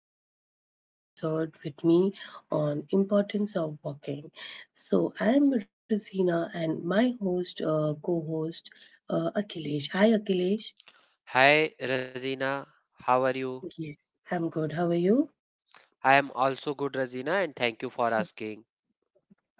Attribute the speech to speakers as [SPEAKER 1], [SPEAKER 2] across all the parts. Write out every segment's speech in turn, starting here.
[SPEAKER 1] yet another episode with me on importance of walking. So, I am Rosina, and my host, co-host, Akhilesh. Hi, Akhilesh.
[SPEAKER 2] Hi, Razina. How are you?
[SPEAKER 1] Yes, I'm good. How are you?
[SPEAKER 2] I am also good, Razina, and thank you for asking.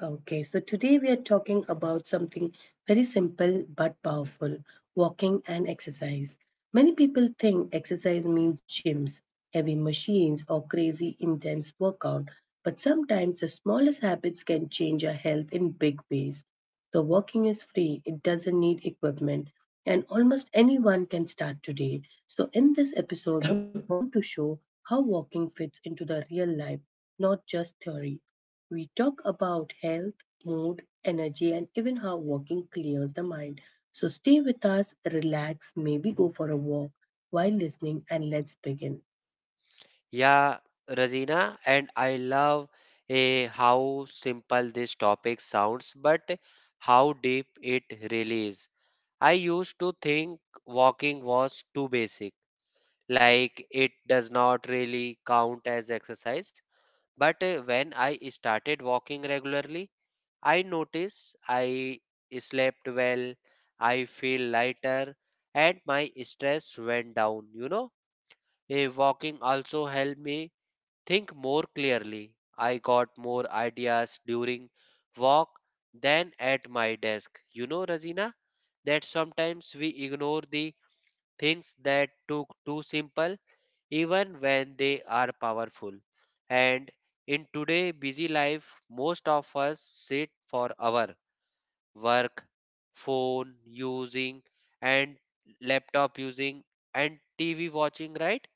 [SPEAKER 1] Okay, so today we are talking about something very simple but powerful walking and exercise. Many people think exercise means gyms, heavy machines, or crazy intense workout, but sometimes the smallest habits can change our health in big ways. So, walking is free, it doesn't need equipment, and almost anyone can start today. So, in this episode, we want to show how walking fits into the real life, not just theory. We talk about health, mood, energy, and even how walking clears the mind. So stay with us, relax, maybe go for a walk while listening, and let's begin.
[SPEAKER 2] Yeah, Razina, and I love how simple this topic sounds, but how deep it really is. I used to think walking was too basic, like it does not really count as exercise. But when I started walking regularly, I notice I slept well, I feel lighter, and my stress went down. A walking also helped me think more clearly. I got more ideas during walk than at my desk. You know, Rajina, that sometimes we ignore the things that took too simple, even when they are powerful. And in today busy life, most of us sit for hour work, phone using, and laptop using, and TV watching, right?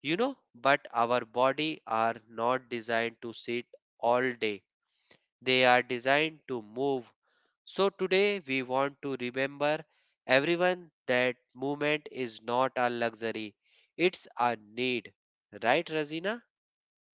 [SPEAKER 2] But our body are not designed to sit all day. They are designed to move. So today we want to remember everyone that movement is not a luxury, it's a need, right, Razina?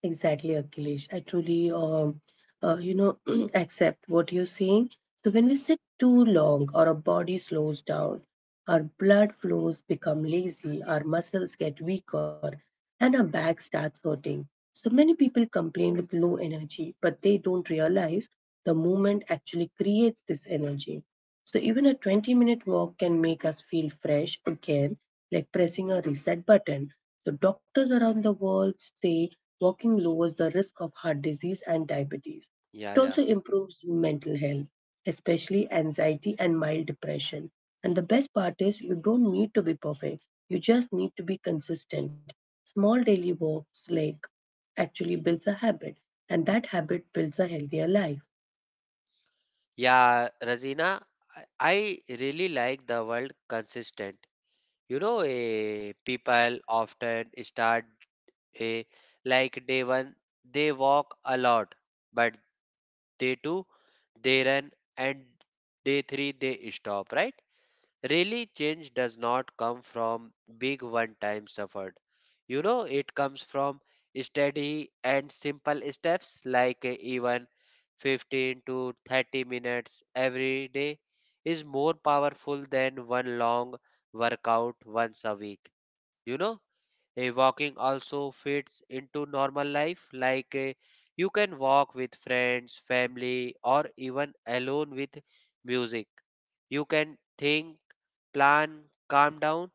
[SPEAKER 1] Exactly, Akhilesh. I truly, uh, you know, accept what you're saying. So when we sit too long, or our body slows down, our blood flows become lazy, our muscles get weaker, and our back starts hurting. So many people complain with low energy, but they don't realize the movement actually creates this energy. So even a 20-minute walk can make us feel fresh again, like pressing a reset button. So doctors around the world say walking lowers the risk of heart disease and diabetes.
[SPEAKER 2] Yeah,
[SPEAKER 1] It
[SPEAKER 2] yeah,
[SPEAKER 1] also improves mental health, especially anxiety and mild depression. And the best part is you don't need to be perfect. You just need to be consistent. Small daily walks like actually builds a habit, and that habit builds a healthier life.
[SPEAKER 2] yeah, Razina, I really like the word consistent. You know, people often start a like day one they walk a lot, but day two they run, and day three they stop, right? Really change does not come from big one time suffered. You know, it comes from steady and simple steps, like even 15 to 30 minutes every day is more powerful than one long workout once a week, you know. Walking also fits into normal life, like you can walk with friends, family, or even alone with music. You can think, plan, calm down,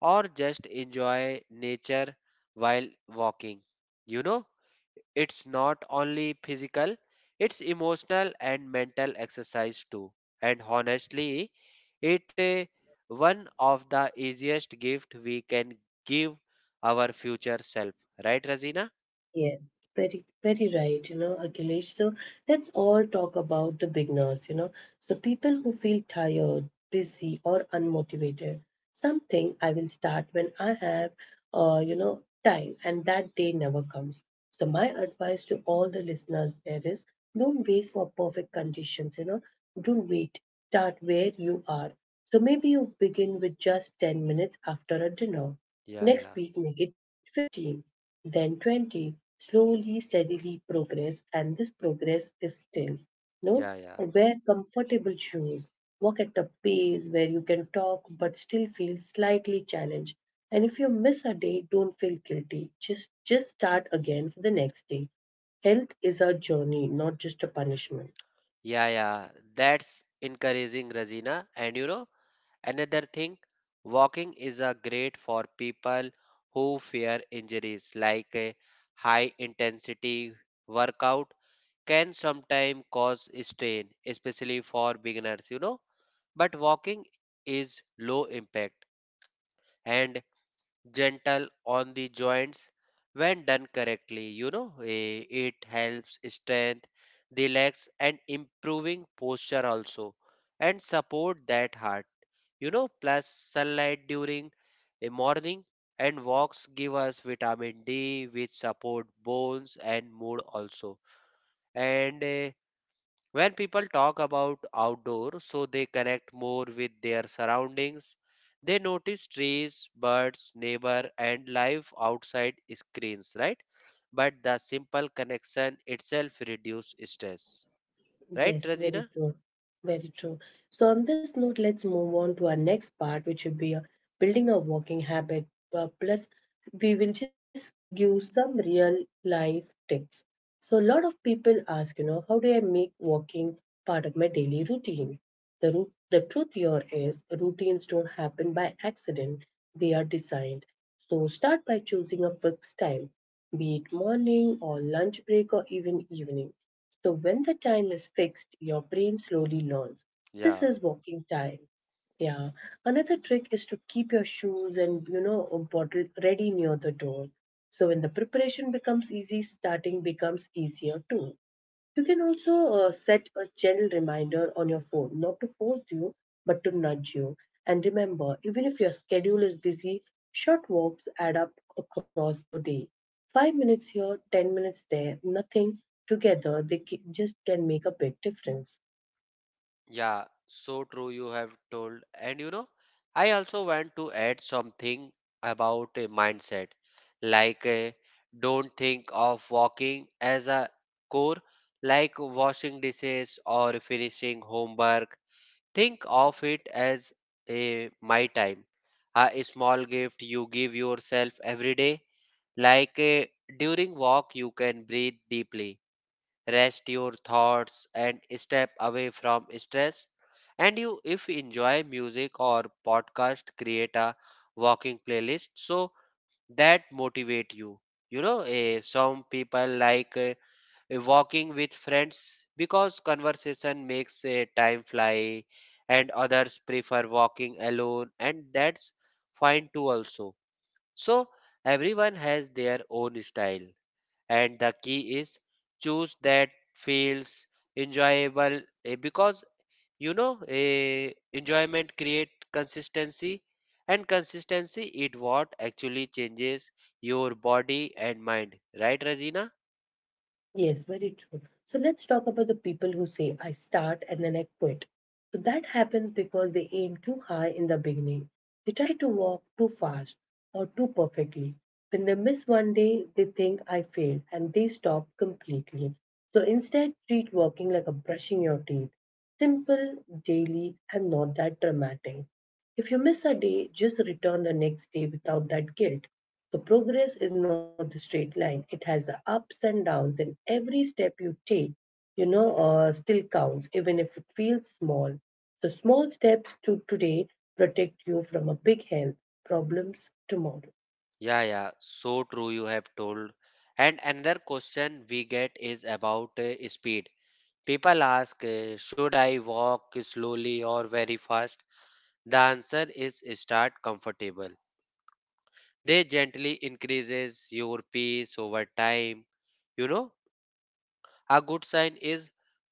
[SPEAKER 2] or just enjoy nature while walking. You know, it's not only physical, it's emotional and mental exercise too. And honestly, it eh, one of the easiest gift we can give our future self. Right, Razina?
[SPEAKER 1] Yes, very, very right. You know, Akhilesh, so let's all talk about the beginners, you know. So people who feel tired, busy, or unmotivated. Something I will start when I have, time, and that day never comes. So, my advice to all the listeners there is don't wait for perfect conditions, you know, don't wait. Start where you are. So, maybe you begin with just 10 minutes after a dinner.
[SPEAKER 2] Yeah,
[SPEAKER 1] Next
[SPEAKER 2] yeah,
[SPEAKER 1] week, make it 15, then 20. Slowly, steadily progress, and this progress is still, you
[SPEAKER 2] yeah,
[SPEAKER 1] know,
[SPEAKER 2] yeah,
[SPEAKER 1] wear comfortable shoes. Walk at a pace where you can talk but still feel slightly challenged. And if you miss a day, don't feel guilty. Just start again for the next day. Health is a journey, not just a punishment.
[SPEAKER 2] yeah, yeah. That's encouraging, Razina. And you know, another thing, walking is a great for people who fear injuries, like a high intensity workout can sometimes cause strain, especially for beginners, you know. But walking is low impact and gentle on the joints when done correctly. You know, it helps strength the legs and improving posture also, and support that heart. You know, plus sunlight during a morning and walks give us vitamin D, which support bones and mood also. And when people talk about outdoor, so they connect more with their surroundings. They notice trees, birds, neighbor, and life outside screens, right? But the simple connection itself reduces stress, right,
[SPEAKER 1] Yes, very
[SPEAKER 2] Rajina?
[SPEAKER 1] true. Very true. So, on this note, let's move on to our next part, which would be building a walking habit. Plus, we will just give some real life tips. So, a lot of people ask, you know, how do I make walking part of my daily routine? The truth here is routines don't happen by accident, they are designed. So, start by choosing a fixed time, be it morning or lunch break or even evening, so when the time is fixed, your brain slowly learns this
[SPEAKER 2] Yeah.
[SPEAKER 1] is walking time. Yeah. Another trick is to keep your shoes and you know a bottle ready near the door. So when the preparation becomes easy, starting becomes easier too. You can also set a gentle reminder on your phone, not to force you, but to nudge you. And remember, even if your schedule is busy, short walks add up across the day. 5 minutes here, 10 minutes there, nothing together, they just can make a big difference.
[SPEAKER 2] Yeah, so true you have told. And you know, I also want to add something about a mindset. Like, don't think of walking as a chore, like washing dishes or finishing homework. Think of it as a my time, a small gift you give yourself every day. Like, during walk, you can breathe deeply, rest your thoughts, and step away from stress. And you if you enjoy music or podcast, create a walking playlist so that motivate you. You know, some people like walking with friends because conversation makes time fly, and others prefer walking alone, and that's fine too also. So everyone has their own style, and the key is choose that feels enjoyable, because you know, enjoyment create consistency, and consistency it what actually changes your body and mind, right, Regina?
[SPEAKER 1] Yes, very true. So let's talk about the people who say, I start and then I quit. So that happens because they aim too high in the beginning. They try to walk too fast or too perfectly. When they miss one day, they think I failed and they stop completely. So instead, treat working like a brushing your teeth. Simple, daily, and not that dramatic. If you miss a day, just return the next day without that guilt. So progress is not a straight line. It has the ups and downs, and every step you take, still counts, even if it feels small. So small steps to today protect you from a big health problems tomorrow.
[SPEAKER 2] Yeah, yeah, so true you have told. And another question we get is about speed. People ask, should I walk slowly or very fast? The answer is start comfortable. They gently increases your pace over time. You know, a good sign is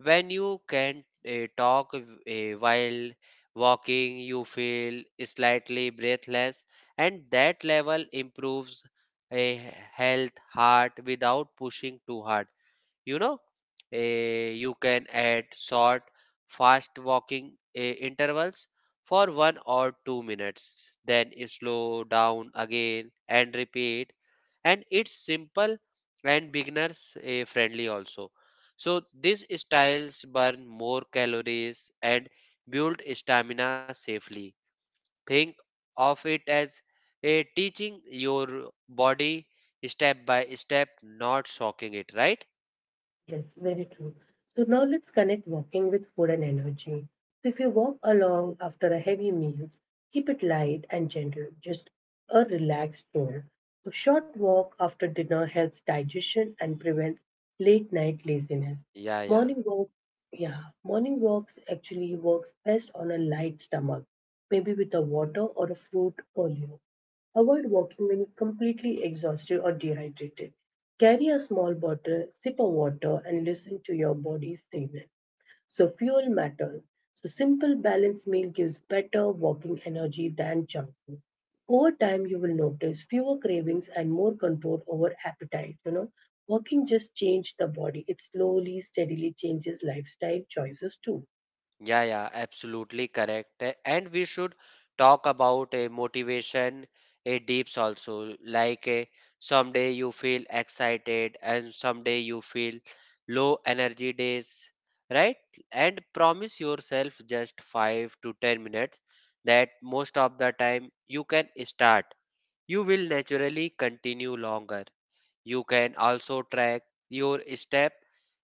[SPEAKER 2] when you can talk while walking, you feel slightly breathless, and that level improves a health heart without pushing too hard. You know, you can add short fast walking intervals for 1 or 2 minutes, then slow down again and repeat. And it's simple and beginners friendly also. So these styles burn more calories and build stamina safely. Think of it as a teaching your body step by step, not shocking it, right?
[SPEAKER 1] Yes, very true. So now let's connect walking with food and energy. So if you walk along after a heavy meal, keep it light and gentle, just a relaxed tone. A short walk after dinner helps digestion and prevents late night laziness.
[SPEAKER 2] Yeah, yeah.
[SPEAKER 1] Morning walk, yeah, morning walks actually works best on a light stomach, maybe with a water or a fruit earlier. Avoid walking when you're completely exhausted or dehydrated. Carry a small bottle, sip of water, and listen to your body's signal. So, fuel matters. So, simple balanced meal gives better walking energy than junk food. Over time, you will notice fewer cravings and more control over appetite. You know, walking just changes the body. It slowly, steadily changes lifestyle choices too.
[SPEAKER 2] Yeah, yeah, absolutely correct. And we should talk about a motivation, a deeps also. Like a, someday you feel excited and someday you feel low energy days, right? And promise yourself just 5 to 10 minutes that most of the time you can start. You will naturally continue longer. You can also track your step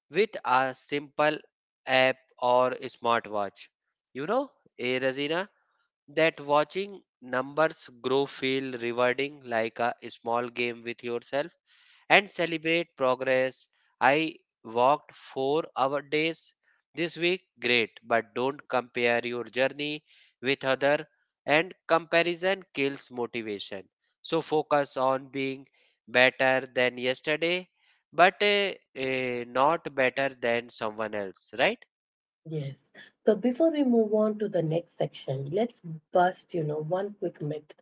[SPEAKER 2] with a simple app or smartwatch. You know, Razina, that watching numbers grow feel rewarding like a small game with yourself and celebrate progress. I walked 4-hour days this week, great, but don't compare your journey with other and comparison kills motivation. So focus on being better than yesterday, but not better than someone else, right?
[SPEAKER 1] Yes. So before we move on to the next section, let's bust, you know, one quick myth.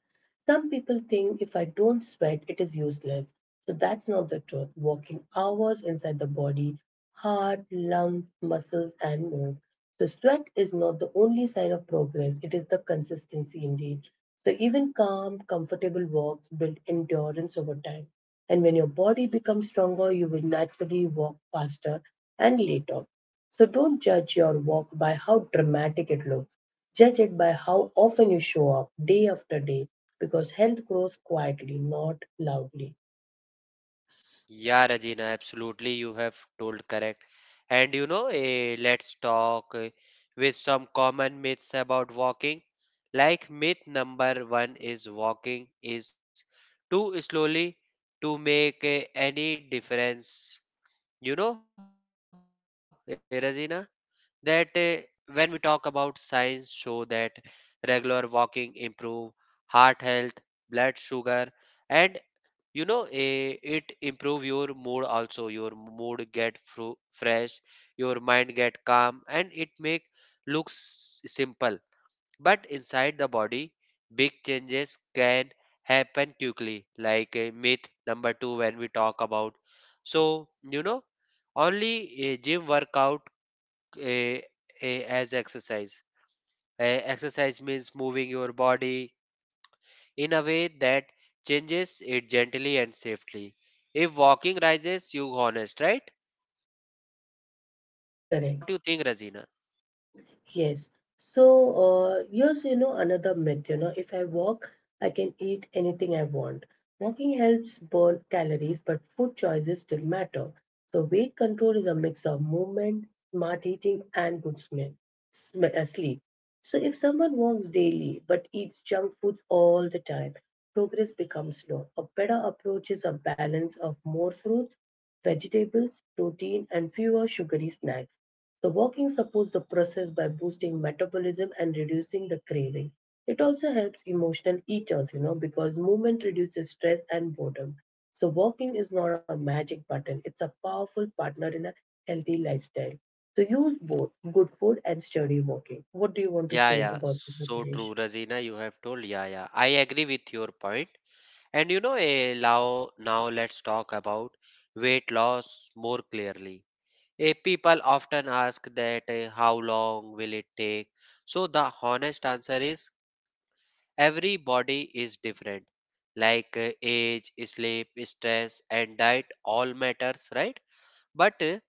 [SPEAKER 1] Some people think if I don't sweat, it is useless. So that's not the truth. Working hours inside the body, heart, lungs, muscles, and more. So sweat is not the only sign of progress, it is the consistency indeed. So even calm, comfortable walks build endurance over time. And when your body becomes stronger, you will naturally walk faster and later. So don't judge your walk by how dramatic it looks. Judge it by how often you show up day after day because health grows quietly, not loudly.
[SPEAKER 2] Yeah, Regina, absolutely. You have told correct. And you know, let's talk with some common myths about walking. Like myth number one is walking is too slowly to make any difference. You know, Regina, that when we talk about science show that regular walking improve heart health, blood sugar, and you know it improve your mood also. Your mood get fresh, your mind get calm, and it make looks simple, but inside the body big changes can happen quickly. Like a myth number 2, when we talk about, so you know, only a gym workout eh, as exercise. Exercise means moving your body in a way that changes it gently and safely. If walking rises, you honest, right?
[SPEAKER 1] Correct.
[SPEAKER 2] What you think, Razina?
[SPEAKER 1] Yes. So, here's, you know, another myth, you know, if I walk, I can eat anything I want. Walking helps burn calories, but food choices still matter. So, weight control is a mix of movement, smart eating, and good smell, sleep. So, if someone walks daily but eats junk food all the time, progress becomes slow. A better approach is a balance of more fruits, vegetables, protein, and fewer sugary snacks. The walking supports the process by boosting metabolism and reducing the craving. It also helps emotional eaters, you know, because movement reduces stress and boredom. So walking is not a magic button, it's a powerful partner in a healthy lifestyle. So use both good food and sturdy walking. What do you want to
[SPEAKER 2] Yeah,
[SPEAKER 1] say
[SPEAKER 2] yeah,
[SPEAKER 1] about this,
[SPEAKER 2] so
[SPEAKER 1] Akhilesh?
[SPEAKER 2] true, Razina. You have told. Yeah, yeah, I agree with your point. And you know, now let's talk about weight loss more clearly. People often ask that how long will it take? So the honest answer is every body is different, like age, sleep, stress, and diet all matters, right? But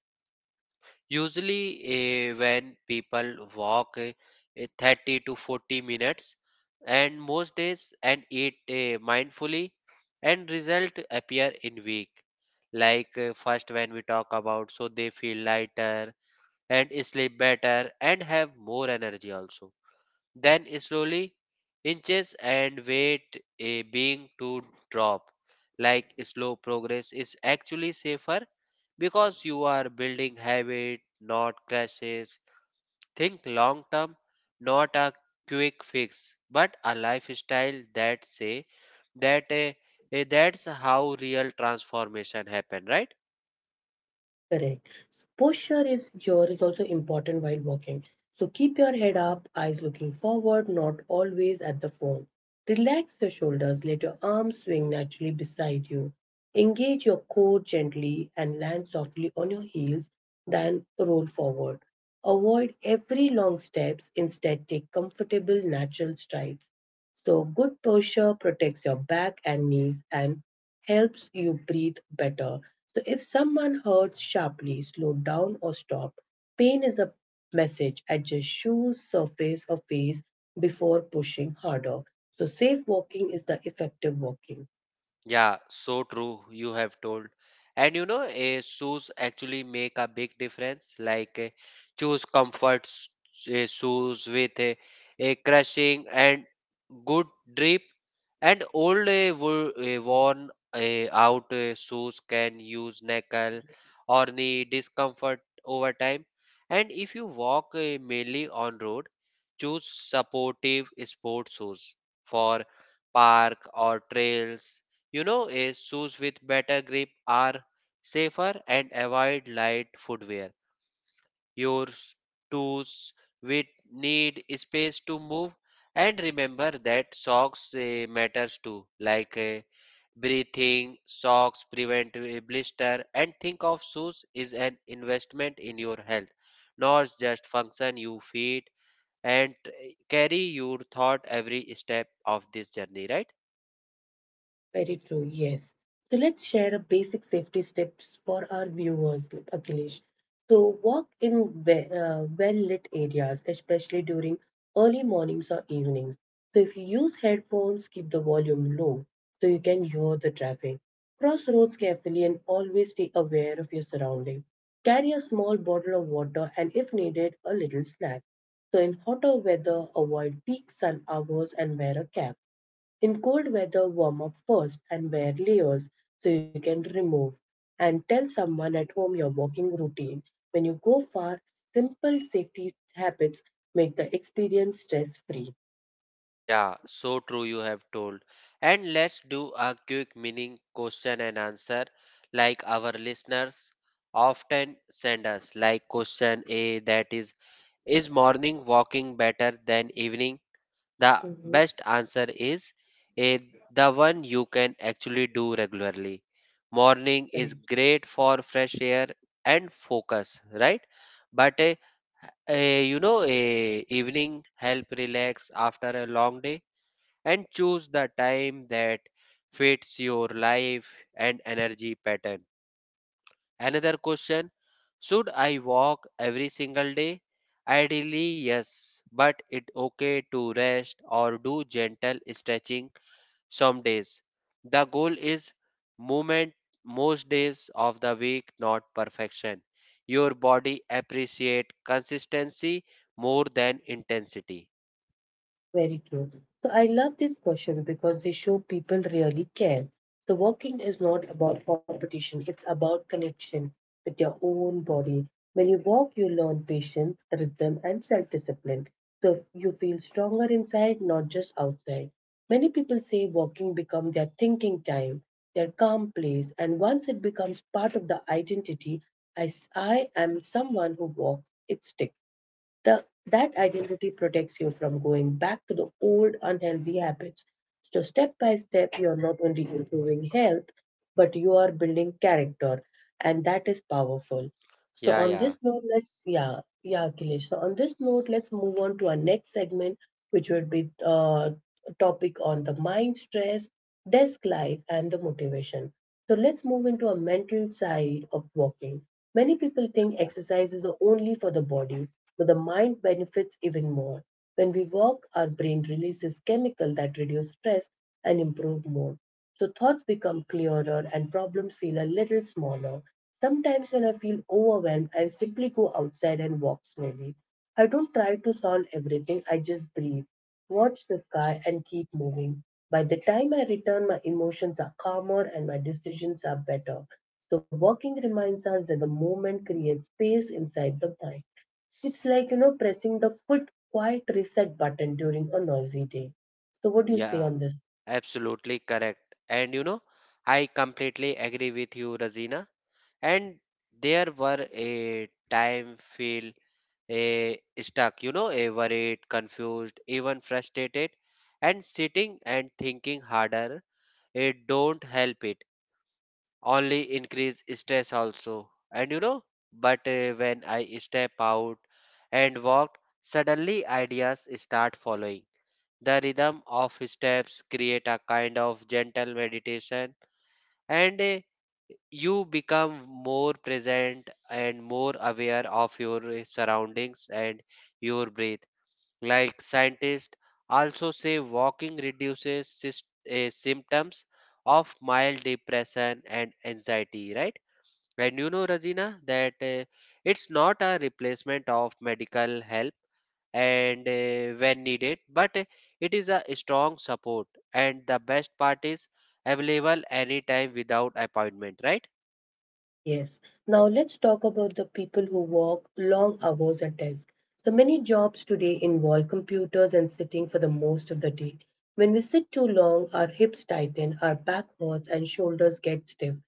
[SPEAKER 2] usually, when people walk 30 to 40 minutes, and most days, and eat mindfully, and result appear in week. Like first, when we talk about, so they feel lighter and sleep better and have more energy also, then slowly inches and weight a being to drop. Like slow progress is actually safer because you are building habit, not crashes. Think long term, not a quick fix, but a lifestyle that say that that's how real transformation happen, right?
[SPEAKER 1] Correct. So posture is here is also important while walking. So keep your head up, eyes looking forward, not always at the phone. Relax your shoulders, let your arms swing naturally beside you. Engage your core gently and land softly on your heels, then roll forward. Avoid every long steps, instead take comfortable natural strides. So good posture protects your back and knees and helps you breathe better. So, if someone hurts sharply, slow down or stop. Pain is a message. Adjust shoes, surface, or face before pushing harder. So, safe walking is the effective walking.
[SPEAKER 2] Yeah, so true. You have told. And you know, shoes actually make a big difference. Like, choose shoes with a crushing and good drip. And old worn out shoes can use knuckle or knee discomfort over time. And if you walk mainly on road, choose supportive sport shoes for park or trails. You know, is shoes with better grip are safer and avoid light footwear. Your toes will need space to move, and remember that socks matters too, like breathing socks prevent blister. And think of shoes is an investment in your health, not just function you feed, and carry your thought every step of this journey, right?
[SPEAKER 1] Very true, yes. So let's share a basic safety tips for our viewers, Akhilesh. So walk in well-lit areas, especially during early mornings or evenings. So if you use headphones, keep the volume low so you can hear the traffic. Cross roads carefully and always stay aware of your surroundings. Carry a small bottle of water and if needed, a little snack. So in hotter weather, avoid peak sun hours and wear a cap. In cold weather, warm up first and wear layers so you can remove. And tell someone at home your walking routine. When you go far, simple safety habits make the experience stress free.
[SPEAKER 2] Yeah, so true you have told. And let's do a quick meaning question and answer, like our listeners often send us, like question A, that is morning walking better than evening? The
[SPEAKER 1] Mhm.
[SPEAKER 2] best answer is A, the one you can actually do regularly. Morning is
[SPEAKER 1] Correct.
[SPEAKER 2] great for fresh air and focus, right? But a you know a evening help relax after a long day, and choose the time that fits your life and energy pattern. Another question: should I walk every single day? Ideally, yes, but it's okay to rest or do gentle stretching some days. The goal is movement most days of the week, not perfection. Your body appreciate consistency more than intensity.
[SPEAKER 1] Very true. So I love this question because they show people really care. So walking is not about competition, it's about connection with your own body. When you walk, you learn patience, rhythm, and self discipline. So you feel stronger inside, not just outside. Many people say walking becomes their thinking time, their calm place, and once it becomes part of the identity, I am someone who walks, it sticks. That identity protects you from going back to the old unhealthy habits. So, step by step, you're not only improving health, but you are building character, and that is powerful. So
[SPEAKER 2] Yeah,
[SPEAKER 1] on
[SPEAKER 2] yeah,
[SPEAKER 1] this note, let's Akhilesh. So on this note, let's move on to our next segment, which would be a topic on the mind stress, desk life, and the motivation. So let's move into a mental side of walking. Many people think exercise is only for the body, but the mind benefits even more. When we walk, our brain releases chemical that reduce stress and improve mood. So thoughts become clearer and problems feel a little smaller. Sometimes when I feel overwhelmed, I simply go outside and walk slowly. I don't try to solve everything, I just breathe, watch the sky, and keep moving. By the time I return, my emotions are calmer and my decisions are better. So, walking reminds us that the moment creates space inside the mind. It's like, pressing the foot quiet reset button during a noisy day. So, what do you say
[SPEAKER 2] yeah.
[SPEAKER 1] on this?
[SPEAKER 2] Absolutely correct. And you know, I completely agree with you, Razina. And there were a time feel a stuck, you know, a worried, confused, even frustrated, and sitting and thinking harder. It don't help it. Only increase stress also. And you know, but when I step out and walk, suddenly ideas start following the rhythm of steps create a kind of gentle meditation, and you become more present and more aware of your surroundings and your breath. Like scientists also say, walking reduces symptoms of mild depression and anxiety, right? And you know, Rajina, that it's not a replacement of medical help and when needed but it is a strong support, and the best part is available anytime without appointment, right?
[SPEAKER 1] Yes. Now let's talk about the people who work long hours at desk. So many jobs today involve computers and sitting for the most of the day. When we sit too long, our hips tighten, our back hurts, and shoulders get stiff.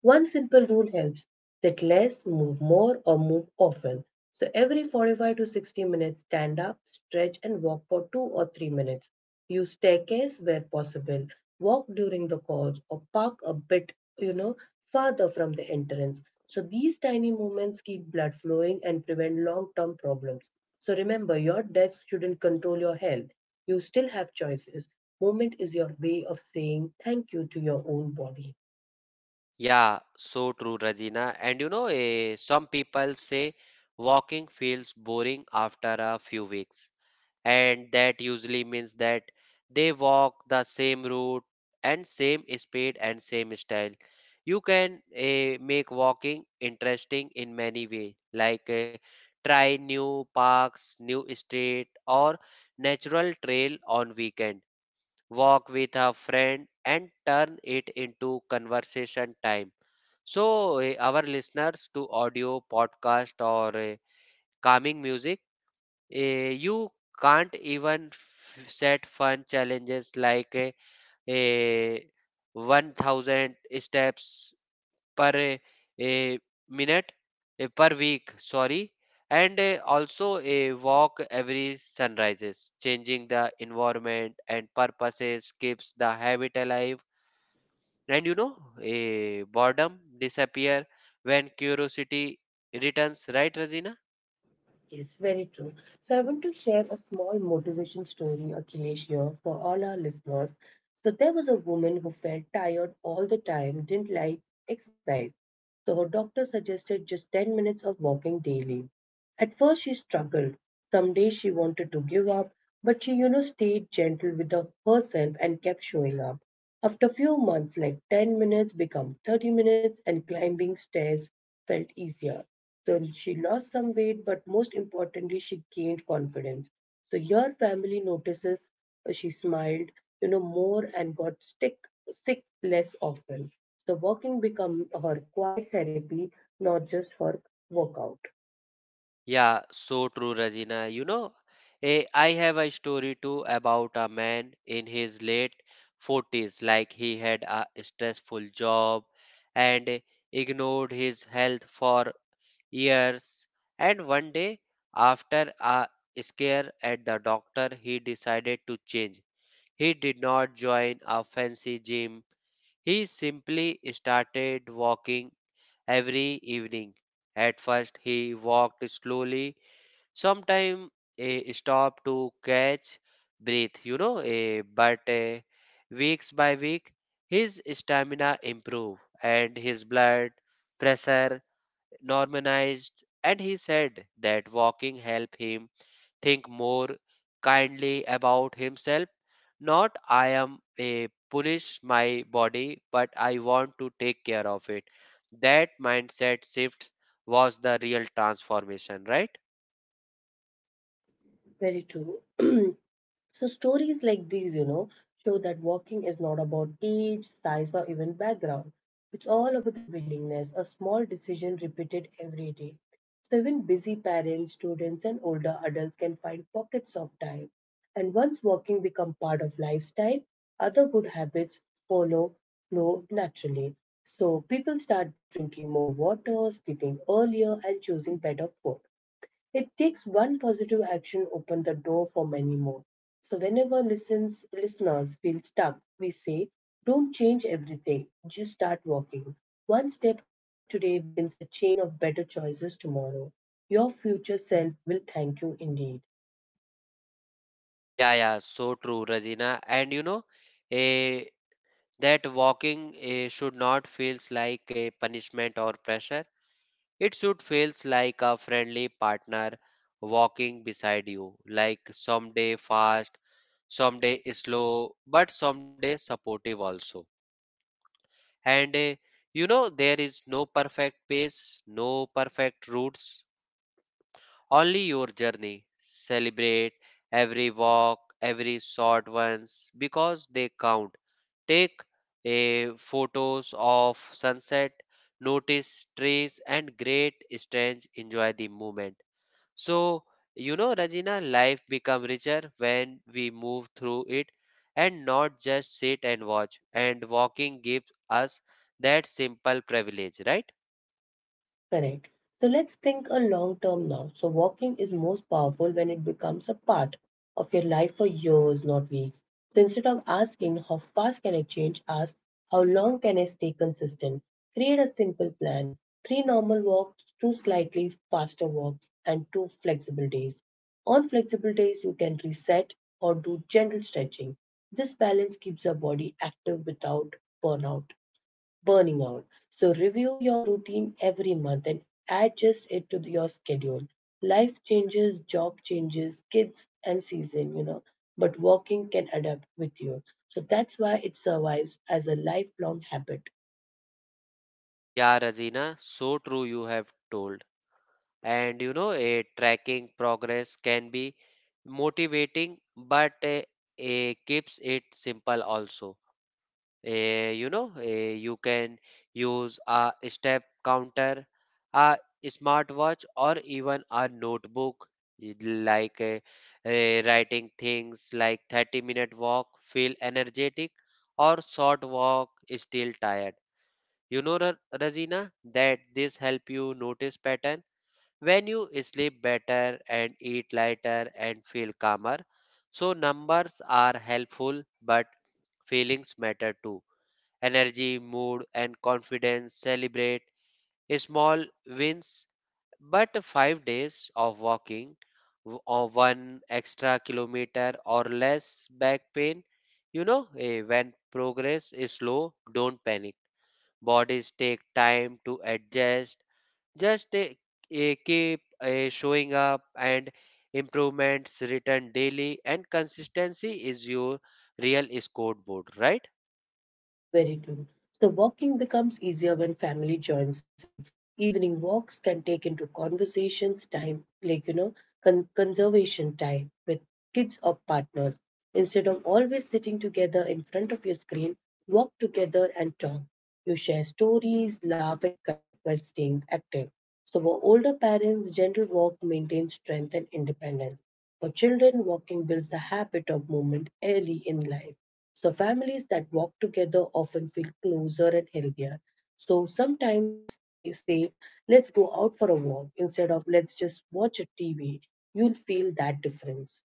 [SPEAKER 1] One simple rule helps sit less, move more, or move often. So every 45 to 60 minutes, stand up, stretch, and walk for 2 or 3 minutes. Use staircase where possible. Walk during the course or park a bit, you know, further from the entrance. So these tiny movements keep blood flowing and prevent long-term problems. So remember, your desk shouldn't control your health. You still have choices. Movement is your way of saying thank you to your own body.
[SPEAKER 2] Yeah, so true, Rajina. And you know, some people say walking feels boring after a few weeks, and that usually means that they walk the same route and same speed and same style. You can make walking interesting in many ways, like try new parks, new street, or natural trail on weekend, walk with a friend and turn it into conversation time. So our listeners to audio podcast, or calming music. You can't even set fun challenges like a 1000 steps per eh, minute, per week, sorry. And also a walk every sunrises, changing the environment and purposes keeps the habit alive. And you know, a boredom disappear when curiosity returns, right, Razina?
[SPEAKER 1] Yes, very true. So I want to share a small motivation story, Akhilesh, here for all our listeners. So there was a woman who felt tired all the time, didn't like exercise, so her doctor suggested just 10 minutes of walking daily. At first she struggled. Some days she wanted to give up, but she, stayed gentle with herself and kept showing up. After few months, like 10 minutes become 30 minutes and climbing stairs felt easier. So she lost some weight, but most importantly, she gained confidence. So your family notices she smiled, more and got sick less often. So walking become her quiet therapy, not just her workout.
[SPEAKER 2] Yeah, so true, Rajina. You know, I have a story too about a man in his late 40s. Like, he had a stressful job and ignored his health for years. And one day, after a scare at the doctor, he decided to change. He did not join a fancy gym. He simply started walking every evening. At first, he walked slowly, sometime a stop to catch breath, you know. A but eh, weeks by week, his stamina improved and his blood pressure normalized, and he said that walking helped him think more kindly about himself. Not I am a punish my body, but I want to take care of it. That mindset shift was the real transformation, right?
[SPEAKER 1] Very true. So, stories like these, show that walking is not about age, size, or even background. It's all about the willingness, a small decision repeated every day. So, even busy parents, students, and older adults can find pockets of time. And once walking becomes part of lifestyle, other good habits follow flow naturally. So, people start drinking more water, sleeping earlier, and choosing better food. It takes one positive action open the door for many more. So whenever listeners feel stuck, we say, don't change everything, just start walking. One step today becomes a chain of better choices tomorrow. Your future self will thank you indeed.
[SPEAKER 2] Yeah, yeah, so true, Rajina. And you know, eh, that walking should not feels like a punishment or pressure. It should feels like a friendly partner walking beside you, like someday fast, someday slow, but someday supportive also. And you know, there is no perfect pace, no perfect routes, only your journey. Celebrate every walk, every short ones, because they count. Take a photos of sunset, notice trees and great strange, enjoy the moment. So you know, Rajina, life become richer when we move through it, and not just sit and watch. And walking gives us that simple privilege, right?
[SPEAKER 1] Correct. So let's think a long term now. So walking is most powerful when it becomes a part of your life for years, not weeks. So instead of asking how fast can I change, ask how long can I stay consistent. Create a simple plan: three normal walks, two slightly faster walks, and two flexible days. On flexible days, you can reset or do gentle stretching. This balance keeps your body active without burnout burning out. So review your routine every month and adjust it to your schedule. Life changes, job changes, kids and season, you know, but walking can adapt with you. So that's why it survives as a lifelong habit.
[SPEAKER 2] Yeah, Rajina, so true, you have told. And you know, a tracking progress can be motivating, but keeps it simple also. You know, you can use a step counter, a smartwatch, or even a notebook. It like writing things like 30-minute walk feel energetic, or short walk still tired. You know, Razina, that this help you notice pattern when you sleep better and eat lighter and feel calmer. So numbers are helpful, but feelings matter too. Energy, mood, and confidence. Celebrate small wins, but five days of walking or one extra kilometer or less back pain. You know, when progress is slow, don't panic. Bodies take time to adjust. Just keep showing up, and improvements written daily, and consistency is your real scoreboard, right?
[SPEAKER 1] Very true. So walking becomes easier when family joins in. Evening walks can take into conversations time, like conservation time with kids or partners. Instead of always sitting together in front of your screen, walk together and talk. You share stories, laugh, and connect while staying active. So for older parents, gentle walk maintains strength and independence. For children, walking builds the habit of movement early in life. So families that walk together often feel closer and healthier. So sometimes they say, let's go out for a walk instead of let's just watch a TV. You'll feel that difference.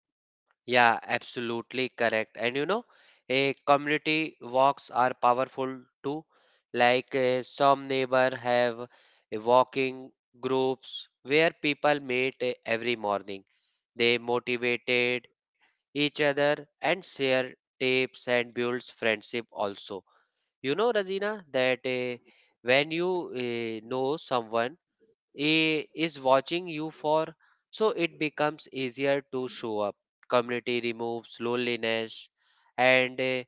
[SPEAKER 2] Yeah, absolutely correct. And you know, a community walks are powerful too. Like, some neighbor have a walking groups where people meet every morning. They motivated each other and share tips and builds friendship also. You know, Razina, that when you know someone is watching you for, so it becomes easier to show up. Community removes loneliness and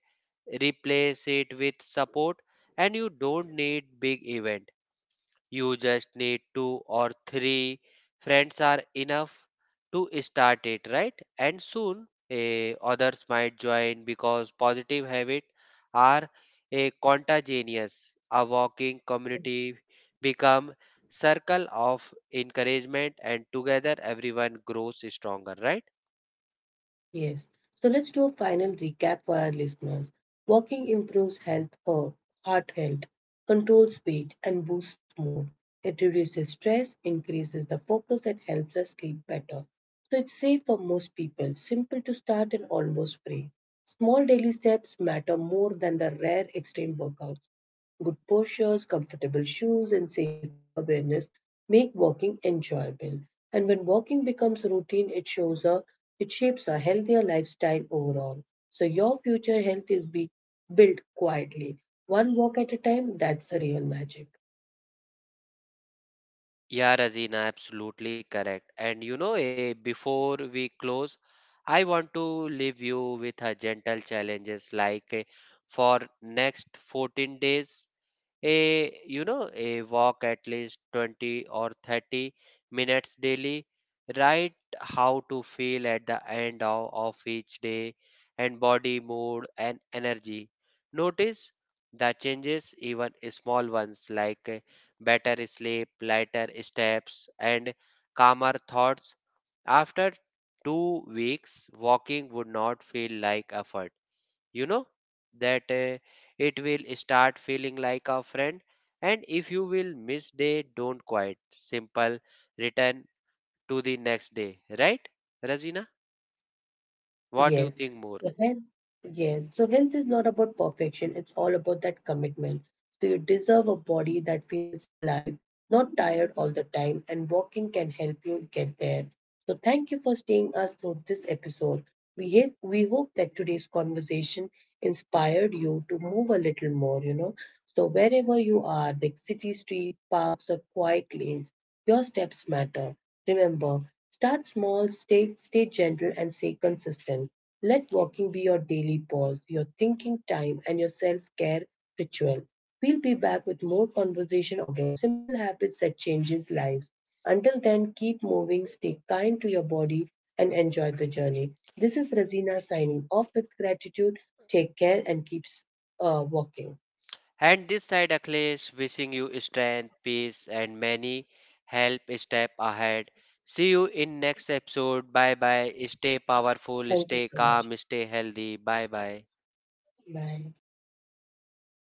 [SPEAKER 2] replace it with support, and you don't need big event. You just need two or three friends are enough to start it, right? And soon others might join, because positive habits are a contagious. A walking community become circle of encouragement, and together everyone grows stronger, right?
[SPEAKER 1] Yes. So let's do a final recap for our listeners. Walking improves health, heart health, controls weight, and boosts mood. It reduces stress, increases the focus, and helps us sleep better. So it's safe for most people, simple to start, and almost free. Small daily steps matter more than the rare extreme workouts. Good postures, comfortable shoes, and safety awareness make walking enjoyable. And when walking becomes routine, it shapes a healthier lifestyle overall. So your future health is be built quietly, one walk at a time. That's the real magic.
[SPEAKER 2] Yeah, Razina, absolutely correct. And you know, before we close, I want to leave you with a gentle challenges, like for next 14 days, a you know, a walk at least 20 or 30 minutes daily. Write how to feel at the end of each day, and body, mood, and energy. Notice the changes, even small ones, like better sleep, lighter steps, and calmer thoughts. After two weeks, walking would not feel like effort. You know that it will start feeling like a friend. And if you will miss day, don't quit. Simple, return to the next day. Right, Razina? What do you
[SPEAKER 1] Yes.
[SPEAKER 2] think more?
[SPEAKER 1] So health, yes. So health is not about perfection. It's all about that commitment. So you deserve a body that feels alive, not tired all the time, and walking can help you get there. So thank you for staying us through this episode. We hope that today's conversation inspired you to move a little more, you know. So wherever you are, the city street, parks, or quiet lanes, your steps matter. Remember, start small, stay gentle, and stay consistent. Let walking be your daily pause, your thinking time, and your self care ritual. We'll be back with more conversation about simple habits that changes lives. Until then, keep moving, stay kind to your body, and enjoy the journey. This is Razina signing off with gratitude. Take care and keeps walking.
[SPEAKER 2] And this side Akhilesh, wishing you strength, peace, and many help step ahead. See you in next episode. Bye bye. Stay
[SPEAKER 1] Thank
[SPEAKER 2] powerful,
[SPEAKER 1] you so
[SPEAKER 2] stay
[SPEAKER 1] much.
[SPEAKER 2] calm, stay healthy. Bye bye.
[SPEAKER 1] Bye.